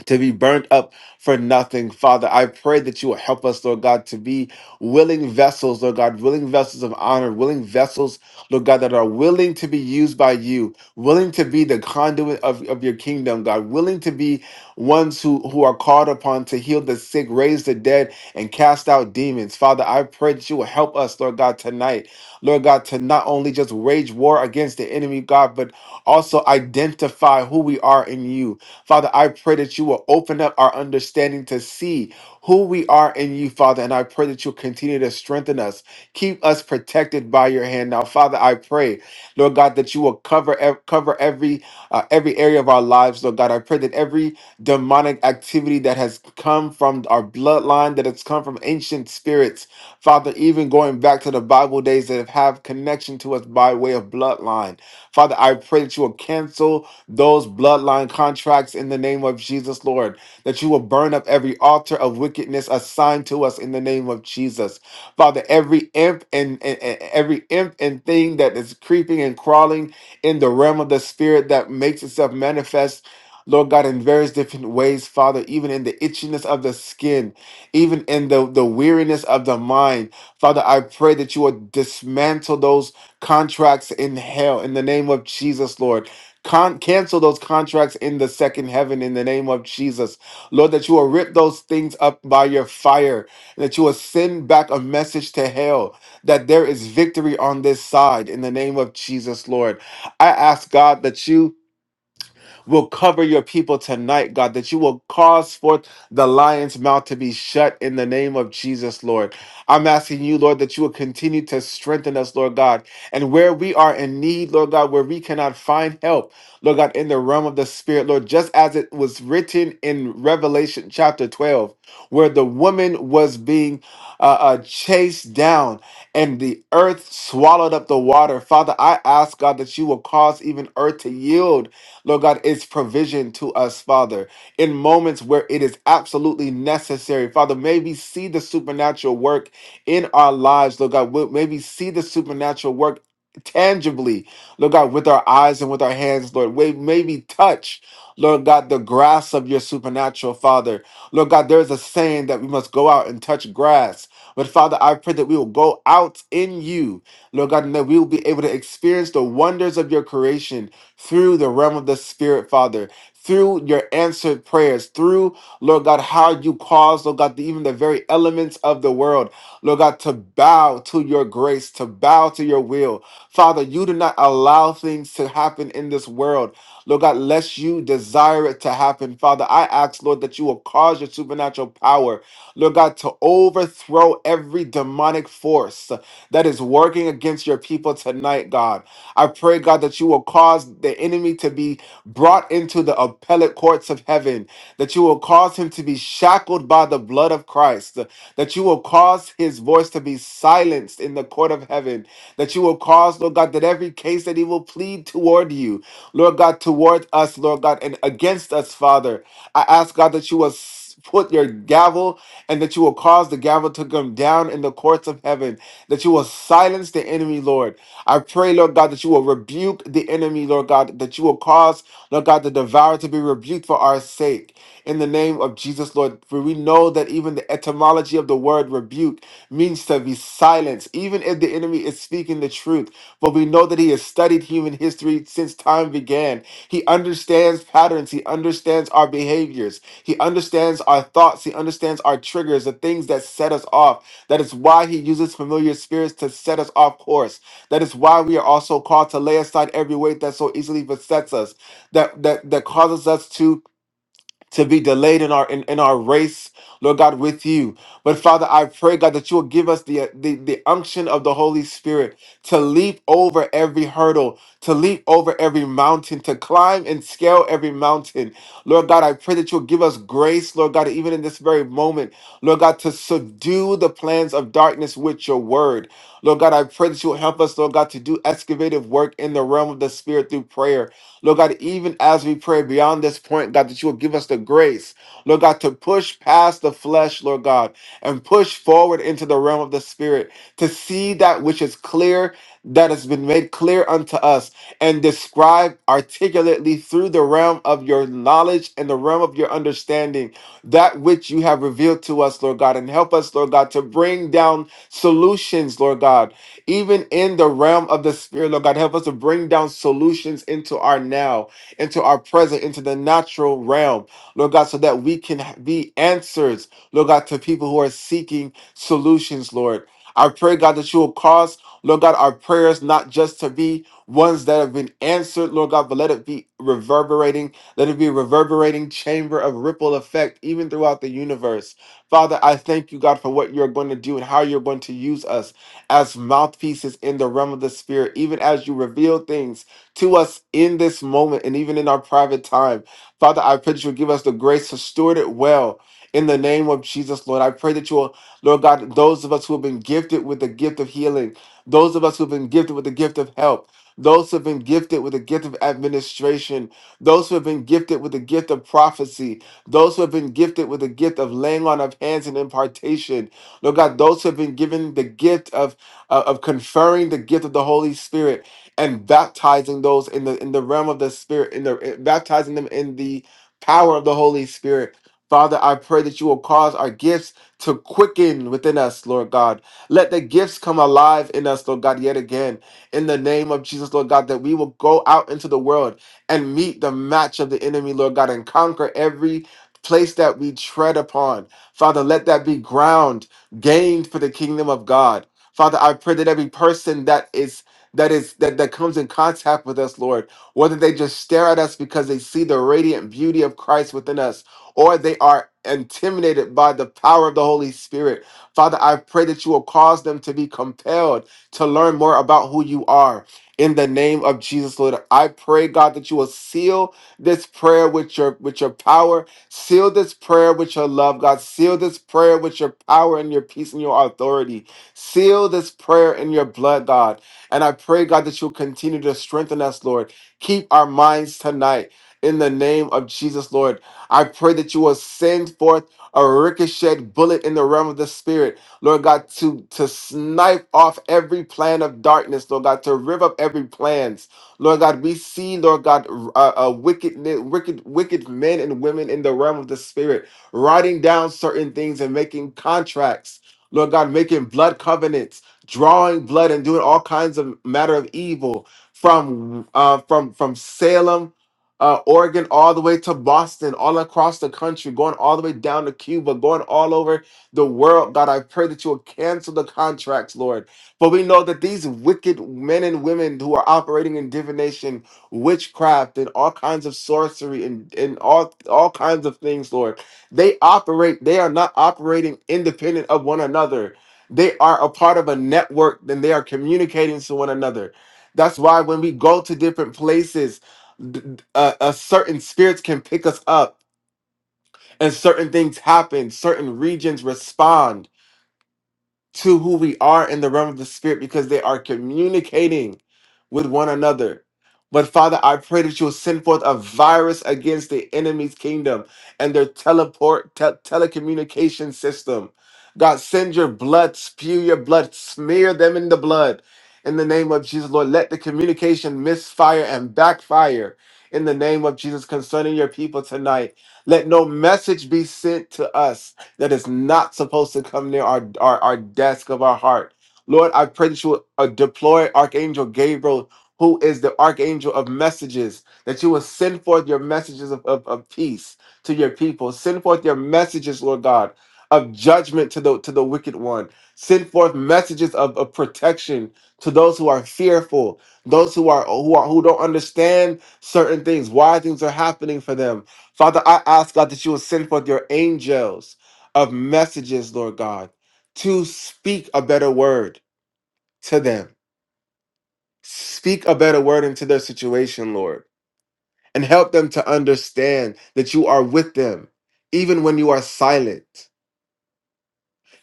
S3: to be burnt up for nothing. Father, I pray that you will help us, Lord God, to be willing vessels, Lord God, willing vessels of honor, willing vessels, Lord God, that are willing to be used by you, willing to be the conduit of, of your kingdom, God, willing to be ones who, who are called upon to heal the sick, raise the dead, and cast out demons. Father, I pray that you will help us, Lord God, tonight, Lord God, to not only just wage war against the enemy, God, but also identify who we are in you Father, I pray that you will open up our understanding to see who we are in you, Father, and I pray that you'll continue to strengthen us. Keep us protected by your hand. Now, Father, I pray, Lord God, that you will cover ev- cover every uh, every area of our lives, Lord God. I pray that every demonic activity that has come from our bloodline, that has come from ancient spirits, Father, even going back to the Bible days that have connection to us by way of bloodline. Father, I pray that you will cancel those bloodline contracts in the name of Jesus, Lord. That you will burn up every altar of wickedness assigned to us in the name of Jesus. Father, every imp and, and, and every imp and thing that is creeping and crawling in the realm of the spirit that makes itself manifest. Lord God, in various different ways, Father, even in the itchiness of the skin, even in the, the weariness of the mind. Father, I pray that you will dismantle those contracts in hell in the name of Jesus, Lord. Con- cancel those contracts in the second heaven in the name of Jesus. Lord, that you will rip those things up by your fire, and that you will send back a message to hell that there is victory on this side in the name of Jesus, Lord. I ask God that you will cover your people tonight, God, that you will cause forth the lion's mouth to be shut in the name of Jesus, Lord. I'm asking you, Lord, that you will continue to strengthen us, Lord God. And where we are in need, Lord God, where we cannot find help, Lord God, in the realm of the Spirit, Lord, just as it was written in Revelation chapter 12, where the woman was being uh, uh, chased down and the earth swallowed up the water. Father, I ask, God, that you will cause even earth to yield Lord God, is provision to us, Father, in moments where it is absolutely necessary. Father, may we see the supernatural work in our lives, Lord God. May we see the supernatural work tangibly, Lord God, with our eyes and with our hands, Lord. May may we touch, Lord God, the grass of your supernatural, Father. Lord God, there's a saying that we must go out and touch grass. But Father, I pray that we will go out in you, Lord God, and that we will be able to experience the wonders of your creation through the realm of the Spirit, Father, through your answered prayers, through, Lord God, how you cause, Lord God, the, even the very elements of the world, Lord God, to bow to your grace, to bow to your will. Father, you do not allow things to happen in this world, Lord God, lest you desire it to happen. Father, I ask, Lord, that you will cause your supernatural power, Lord God, to overthrow every demonic force that is working against your people tonight, God. I pray, God, that you will cause the enemy to be brought into the appellate courts of heaven, that you will cause him to be shackled by the blood of Christ, that you will cause his voice to be silenced in the court of heaven, that you will cause, Lord God, that every case that he will plead toward you, Lord God, toward us, Lord God, and against us, Father, I ask, God, that you will s- put your gavel and that you will cause the gavel Bible took him down in the courts of heaven, that you will silence the enemy, Lord. I pray, Lord God, that you will rebuke the enemy, Lord God, that you will cause, Lord God, the devourer to be rebuked for our sake. In the name of Jesus, Lord, for we know that even the etymology of the word rebuke means to be silenced, even if the enemy is speaking the truth. For we know that he has studied human history since time began. He understands patterns, he understands our behaviors. He understands our thoughts. He understands our triggers, the things that set us off. That is why He uses familiar spirits to set us off course. That is why we are also called to lay aside every weight that so easily besets us, that that that causes us to to be delayed in our in, in our race, Lord God, with you. But Father, I pray, God, that you will give us the, uh, the the unction of the Holy Spirit to leap over every hurdle, to leap over every mountain, to climb and scale every mountain. Lord God, I pray that you'll give us grace, Lord God, even in this very moment, Lord God, to subdue the plans of darkness with your word. Lord God, I pray that you will help us, Lord God, to do excavative work in the realm of the spirit through prayer. Lord God, even as we pray beyond this point, God, that you will give us the grace, Lord God, to push past the flesh, Lord God, and push forward into the realm of the Spirit to see that which is clear, that has been made clear unto us, and describe articulately through the realm of your knowledge and the realm of your understanding that which you have revealed to us, Lord God, and help us, Lord God, to bring down solutions, Lord God even in the realm of the spirit, Lord God. Help us to bring down solutions into our now, into our present, into the natural realm, Lord God, so that we can be answers, Lord God, to people who are seeking solutions, Lord. I pray, God, that you will cause, Lord God, our prayers not just to be ones that have been answered, Lord God, but let it be reverberating, let it be a reverberating chamber of ripple effect even throughout the universe. Father, I thank you, God, for what you're going to do and how you're going to use us as mouthpieces in the realm of the spirit, even as you reveal things to us in this moment and even in our private time. Father, I pray that you will give us the grace to steward it well in the name of Jesus, Lord. I pray that you will, Lord God, those of us who have been gifted with the gift of healing, those of us who have been gifted with the gift of help, those who have been gifted with the gift of administration, those who have been gifted with the gift of prophecy, those who have been gifted with the gift of laying on of hands and impartation, Lord God, those who have been given the gift of of of conferring the gift of the Holy Spirit and baptizing those in the in the realm of the Spirit, in the in- baptizing them in the power of the Holy Spirit. Father, I pray that you will cause our gifts to quicken within us, Lord God. Let the gifts come alive in us, Lord God, yet again. In the name of Jesus, Lord God, that we will go out into the world and meet the match of the enemy, Lord God, and conquer every place that we tread upon. Father, let that be ground gained for the kingdom of God. Father, I pray that every person that is that is that, that comes in contact with us, Lord, whether they just stare at us because they see the radiant beauty of Christ within us, or they are intimidated by the power of the Holy Spirit. Father, I pray that you will cause them to be compelled to learn more about who you are. In the name of Jesus, Lord, I pray, God, that you will seal this prayer with your with your power, seal this prayer with your love, God, seal this prayer with your power and your peace and your authority. Seal this prayer in your blood, God. And I pray, God, that you'll continue to strengthen us, Lord. Keep our minds tonight in the name of Jesus, Lord. I pray that you will send forth a ricochet bullet in the realm of the spirit, Lord God, to, to snipe off every plan of darkness, Lord God, to rip up every plans. Lord God, we see, Lord God, uh, uh, wicked, wicked, wicked men and women in the realm of the spirit writing down certain things and making contracts Lord God, making blood covenants, drawing blood, and doing all kinds of matter of evil from uh, from from Salem, uh, Oregon, all the way to Boston, all across the country, going all the way down to Cuba, going all over the world. God, I pray that you will cancel the contracts, Lord. For we know that these wicked men and women who are operating in divination, witchcraft, and all kinds of sorcery, and and all all kinds of things, Lord. They operate, they are not operating independent of one another. They are a part of a network, then they are communicating to one another. That's why when we go to different places, d- d- uh, uh, certain spirits can pick us up and certain things happen, certain regions respond to who we are in the realm of the spirit because they are communicating with one another. But Father, I pray that you'll send forth a virus against the enemy's kingdom and their teleport tel telecommunication system. God, send your blood, spew your blood, smear them in the blood. In the name of Jesus, Lord, let the communication misfire and backfire. In the name of Jesus, concerning your people tonight, let no message be sent to us that is not supposed to come near our, our, our desk of our heart. Lord, I pray that you will uh, deploy Archangel Gabriel, who is the Archangel of messages, that you will send forth your messages of, of, of peace to your people. Send forth your messages, Lord God, of judgment to the to the wicked one. Send forth messages of, of protection to those who are fearful, those who are who are who don't understand certain things, why things are happening for them. Father, I ask God that you will send forth your angels of messages, Lord God, to speak a better word to them. Speak a better word into their situation, Lord, and help them to understand that you are with them, even when you are silent.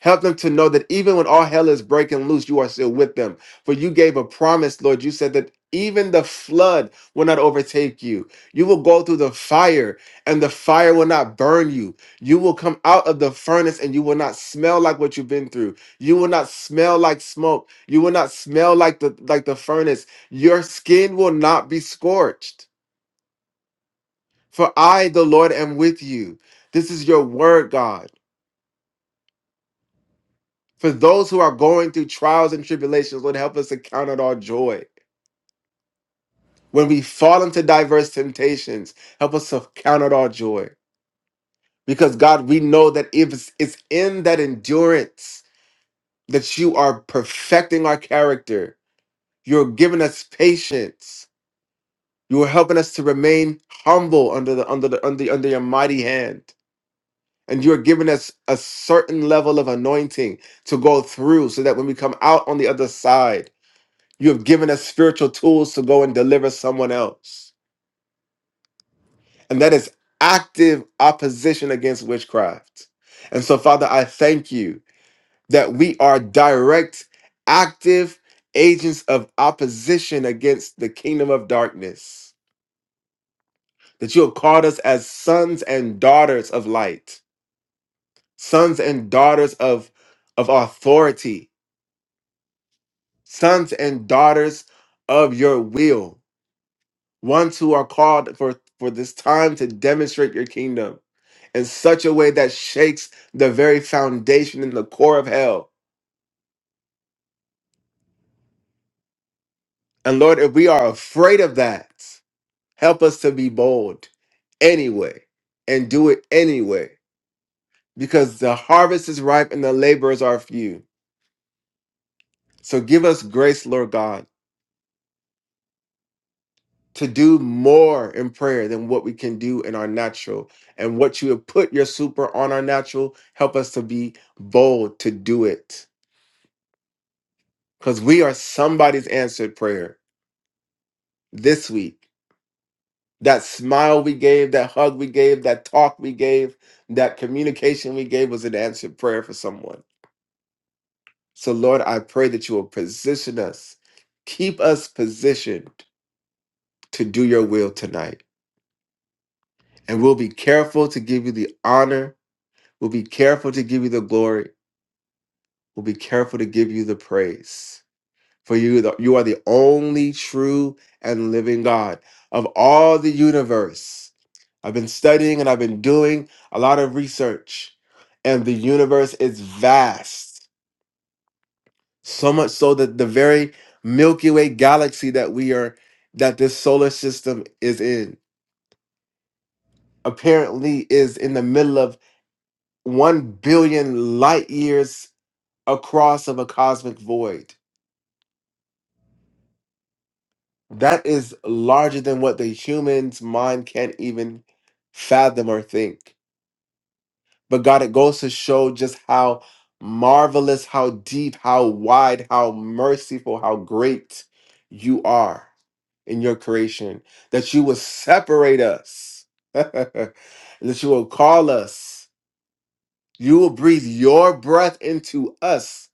S3: Help them to know that even when all hell is breaking loose, you are still with them. For you gave a promise, Lord. You said that even the flood will not overtake you. You will go through the fire, and the fire will not burn you. You will come out of the furnace, and you will not smell like what you've been through. You will not smell like smoke. You will not smell like the like the furnace. Your skin will not be scorched. For I, the Lord, am with you. This is your word, God. For those who are going through trials and tribulations, Lord, help us to count it all joy. When we fall into diverse temptations, help us to count it all joy. Because God, we know that if it's it's in that endurance that you are perfecting our character. You're giving us patience. You are helping us to remain humble under the under the under, under your mighty hand. And you're giving us a certain level of anointing to go through so that when we come out on the other side, You have given us spiritual tools to go and deliver someone else. And that is active opposition against witchcraft. And so, Father, I thank you that we are direct, active agents of opposition against the kingdom of darkness, that you have called us as sons and daughters of light, sons and daughters of, of authority, sons and daughters of your will. ones who are called for for this time to demonstrate your kingdom in such a way that shakes the very foundation and the core of hell and lord if we are afraid of that help us to be bold anyway and do it anyway because the harvest is ripe and the laborers are few so give us grace lord god to do more in prayer than what we can do in our natural and what you have put your super on our natural help us to be bold to do it because we are somebody's answered prayer this week. That smile we gave, that hug we gave, that talk we gave, that communication we gave was an answered prayer for someone. So, Lord, I pray that you will position us, keep us positioned to do your will tonight. And we'll be careful to give you the honor. We'll be careful to give you the glory. We'll be careful to give you the praise. For you, the- you are the only true and living God of all the universe. I've been studying and I've been doing a lot of research, and the universe is vast. So much so that the very Milky Way galaxy that we are, that this solar system is in, apparently is in the middle of 1 billion light years across of a cosmic void That is larger than what the human's mind can't even fathom or think. But God, it goes to show just how marvelous, how deep, how wide, how merciful, how great you are in your creation, that you will separate us, and that you will call us, you will breathe your breath into us,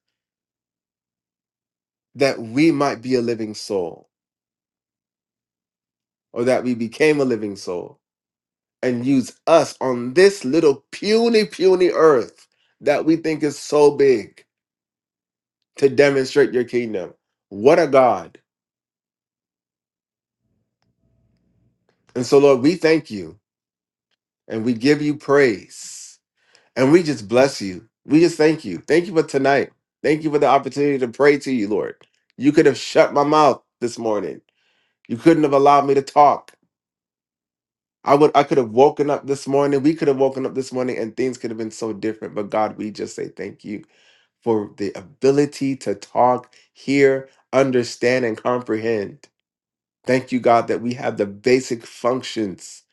S3: that we might be a living soul, or that we became a living soul and use us on this little puny, puny earth that we think is so big to demonstrate your kingdom. What a God. And so, Lord, we thank you and we give you praise and we just bless you. We just thank you. Thank you for tonight. Thank you for the opportunity to pray to you, Lord. You could have shut my mouth this morning, you couldn't have allowed me to talk. I would I could have woken up this morning. We could have woken up this morning and things could have been so different. But God, we just say thank you for the ability to talk, hear, understand, and comprehend. Thank you, God, that we have the basic functions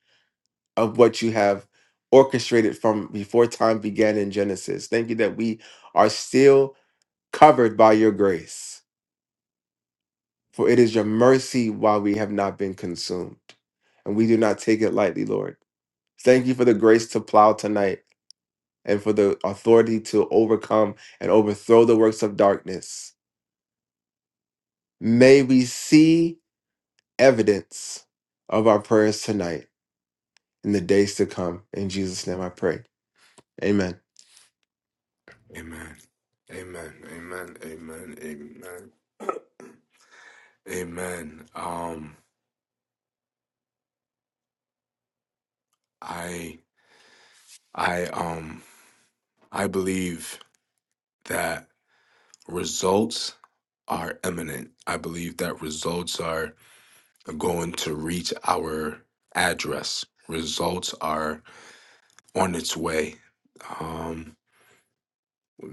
S3: of what you have orchestrated from before time began in Genesis. Thank you that we are still covered by your grace, for it is your mercy why we have not been consumed. And we do not take it lightly, Lord. Thank you for the grace to plow tonight. and for the authority to overcome and overthrow the works of darkness. May we see evidence of our prayers tonight in the days to come. In Jesus' name I pray. Amen.
S1: Amen. Amen. Amen. Amen. Amen. Amen. Um, I, I, um, I believe that results are imminent. I believe that results are going to reach our address. Results are on its way. Um,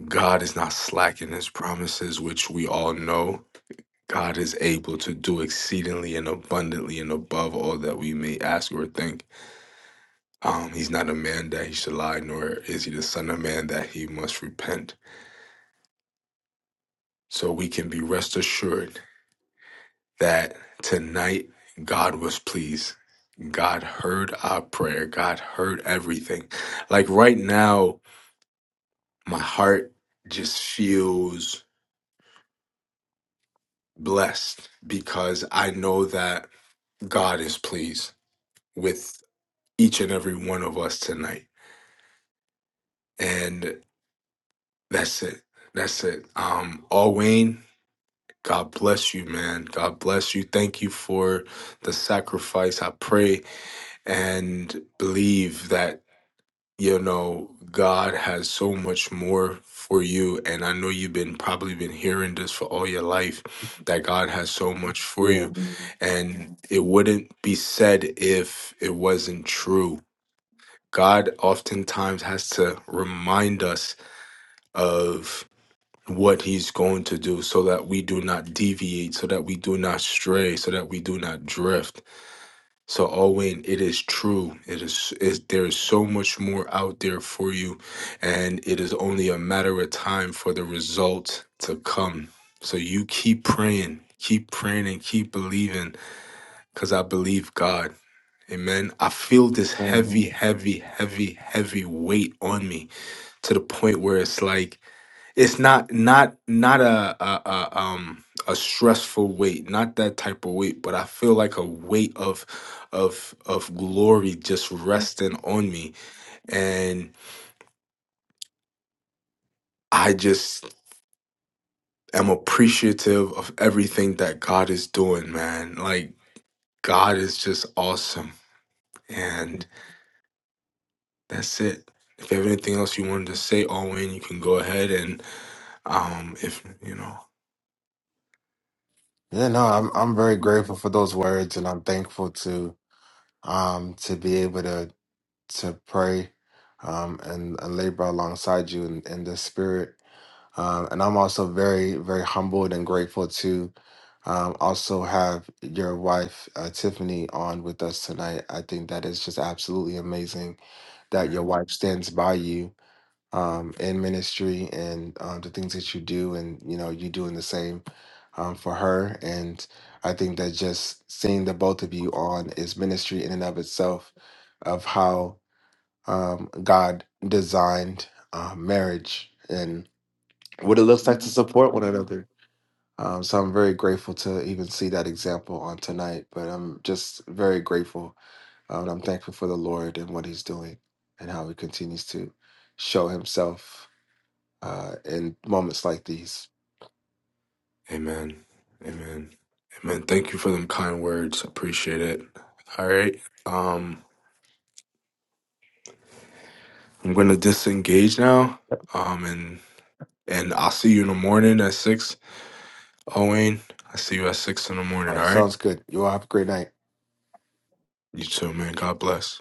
S1: God is not slack in his promises, which we all know. God is able to do exceedingly and abundantly and above all that we may ask or think. Um, he's not a man that he should lie, nor is he the son of man that he must repent. So we can be rest assured that tonight God was pleased. God heard our prayer. God heard everything. Like right now, my heart just feels blessed because I know that God is pleased with each and every one of us tonight. And that's it. That's it. Um, all Wayne, God bless you, man. God bless you. Thank you for the sacrifice. I pray and believe that you know god has so much more for you and i know you've been probably been hearing this for all your life that god has so much for
S3: Yeah.
S1: you and it wouldn't be said if it wasn't true god oftentimes has to remind us of what he's going to do so that we do not deviate so that we do not stray so that we do not drift so Owen, it is true. It is is there is so much more out there for you, and it is only a matter of time for the result to come. So you keep praying, keep praying, and keep believing, because I believe God. Amen. I feel this
S3: Um,
S1: heavy, heavy, heavy, heavy weight on me to the point where it's like it's not not not a, a, a um a stressful weight not that type of weight but i feel like a weight of of of glory just resting on me and i just am appreciative of everything that god is doing man like god is just awesome and that's it if you have anything else you wanted to say owen you can go ahead and um if you know
S3: Yeah, no, I'm I'm very grateful for those words and I'm thankful to um to be able to to pray um and, and labor alongside you in, in the spirit. Um, and I'm also very, very humbled and grateful to um, also have your wife, uh, Tiffany, on with us tonight. I think that is just absolutely amazing that your wife stands by you um, in ministry and um, the things that you do, and you know you doing the same um, for her. And I think that just seeing the both of you on is ministry in and of itself, of how um, God designed uh, marriage what it looks like to support one another. Um, so I'm very grateful to even see that example on tonight. But I'm just very grateful. uh, and I'm thankful for the Lord and what He's doing and how He continues to show Himself uh, in moments like these.
S1: Amen. Amen. Amen. Thank you for them kind words. Appreciate it. All right. Um, I'm gonna disengage now. Um, and and I'll see you in the morning at six. Owen, I see you at six in the
S3: All
S1: morning. All
S3: right,
S1: right.
S3: sounds good. You all have a great night.
S1: You too, man. God bless.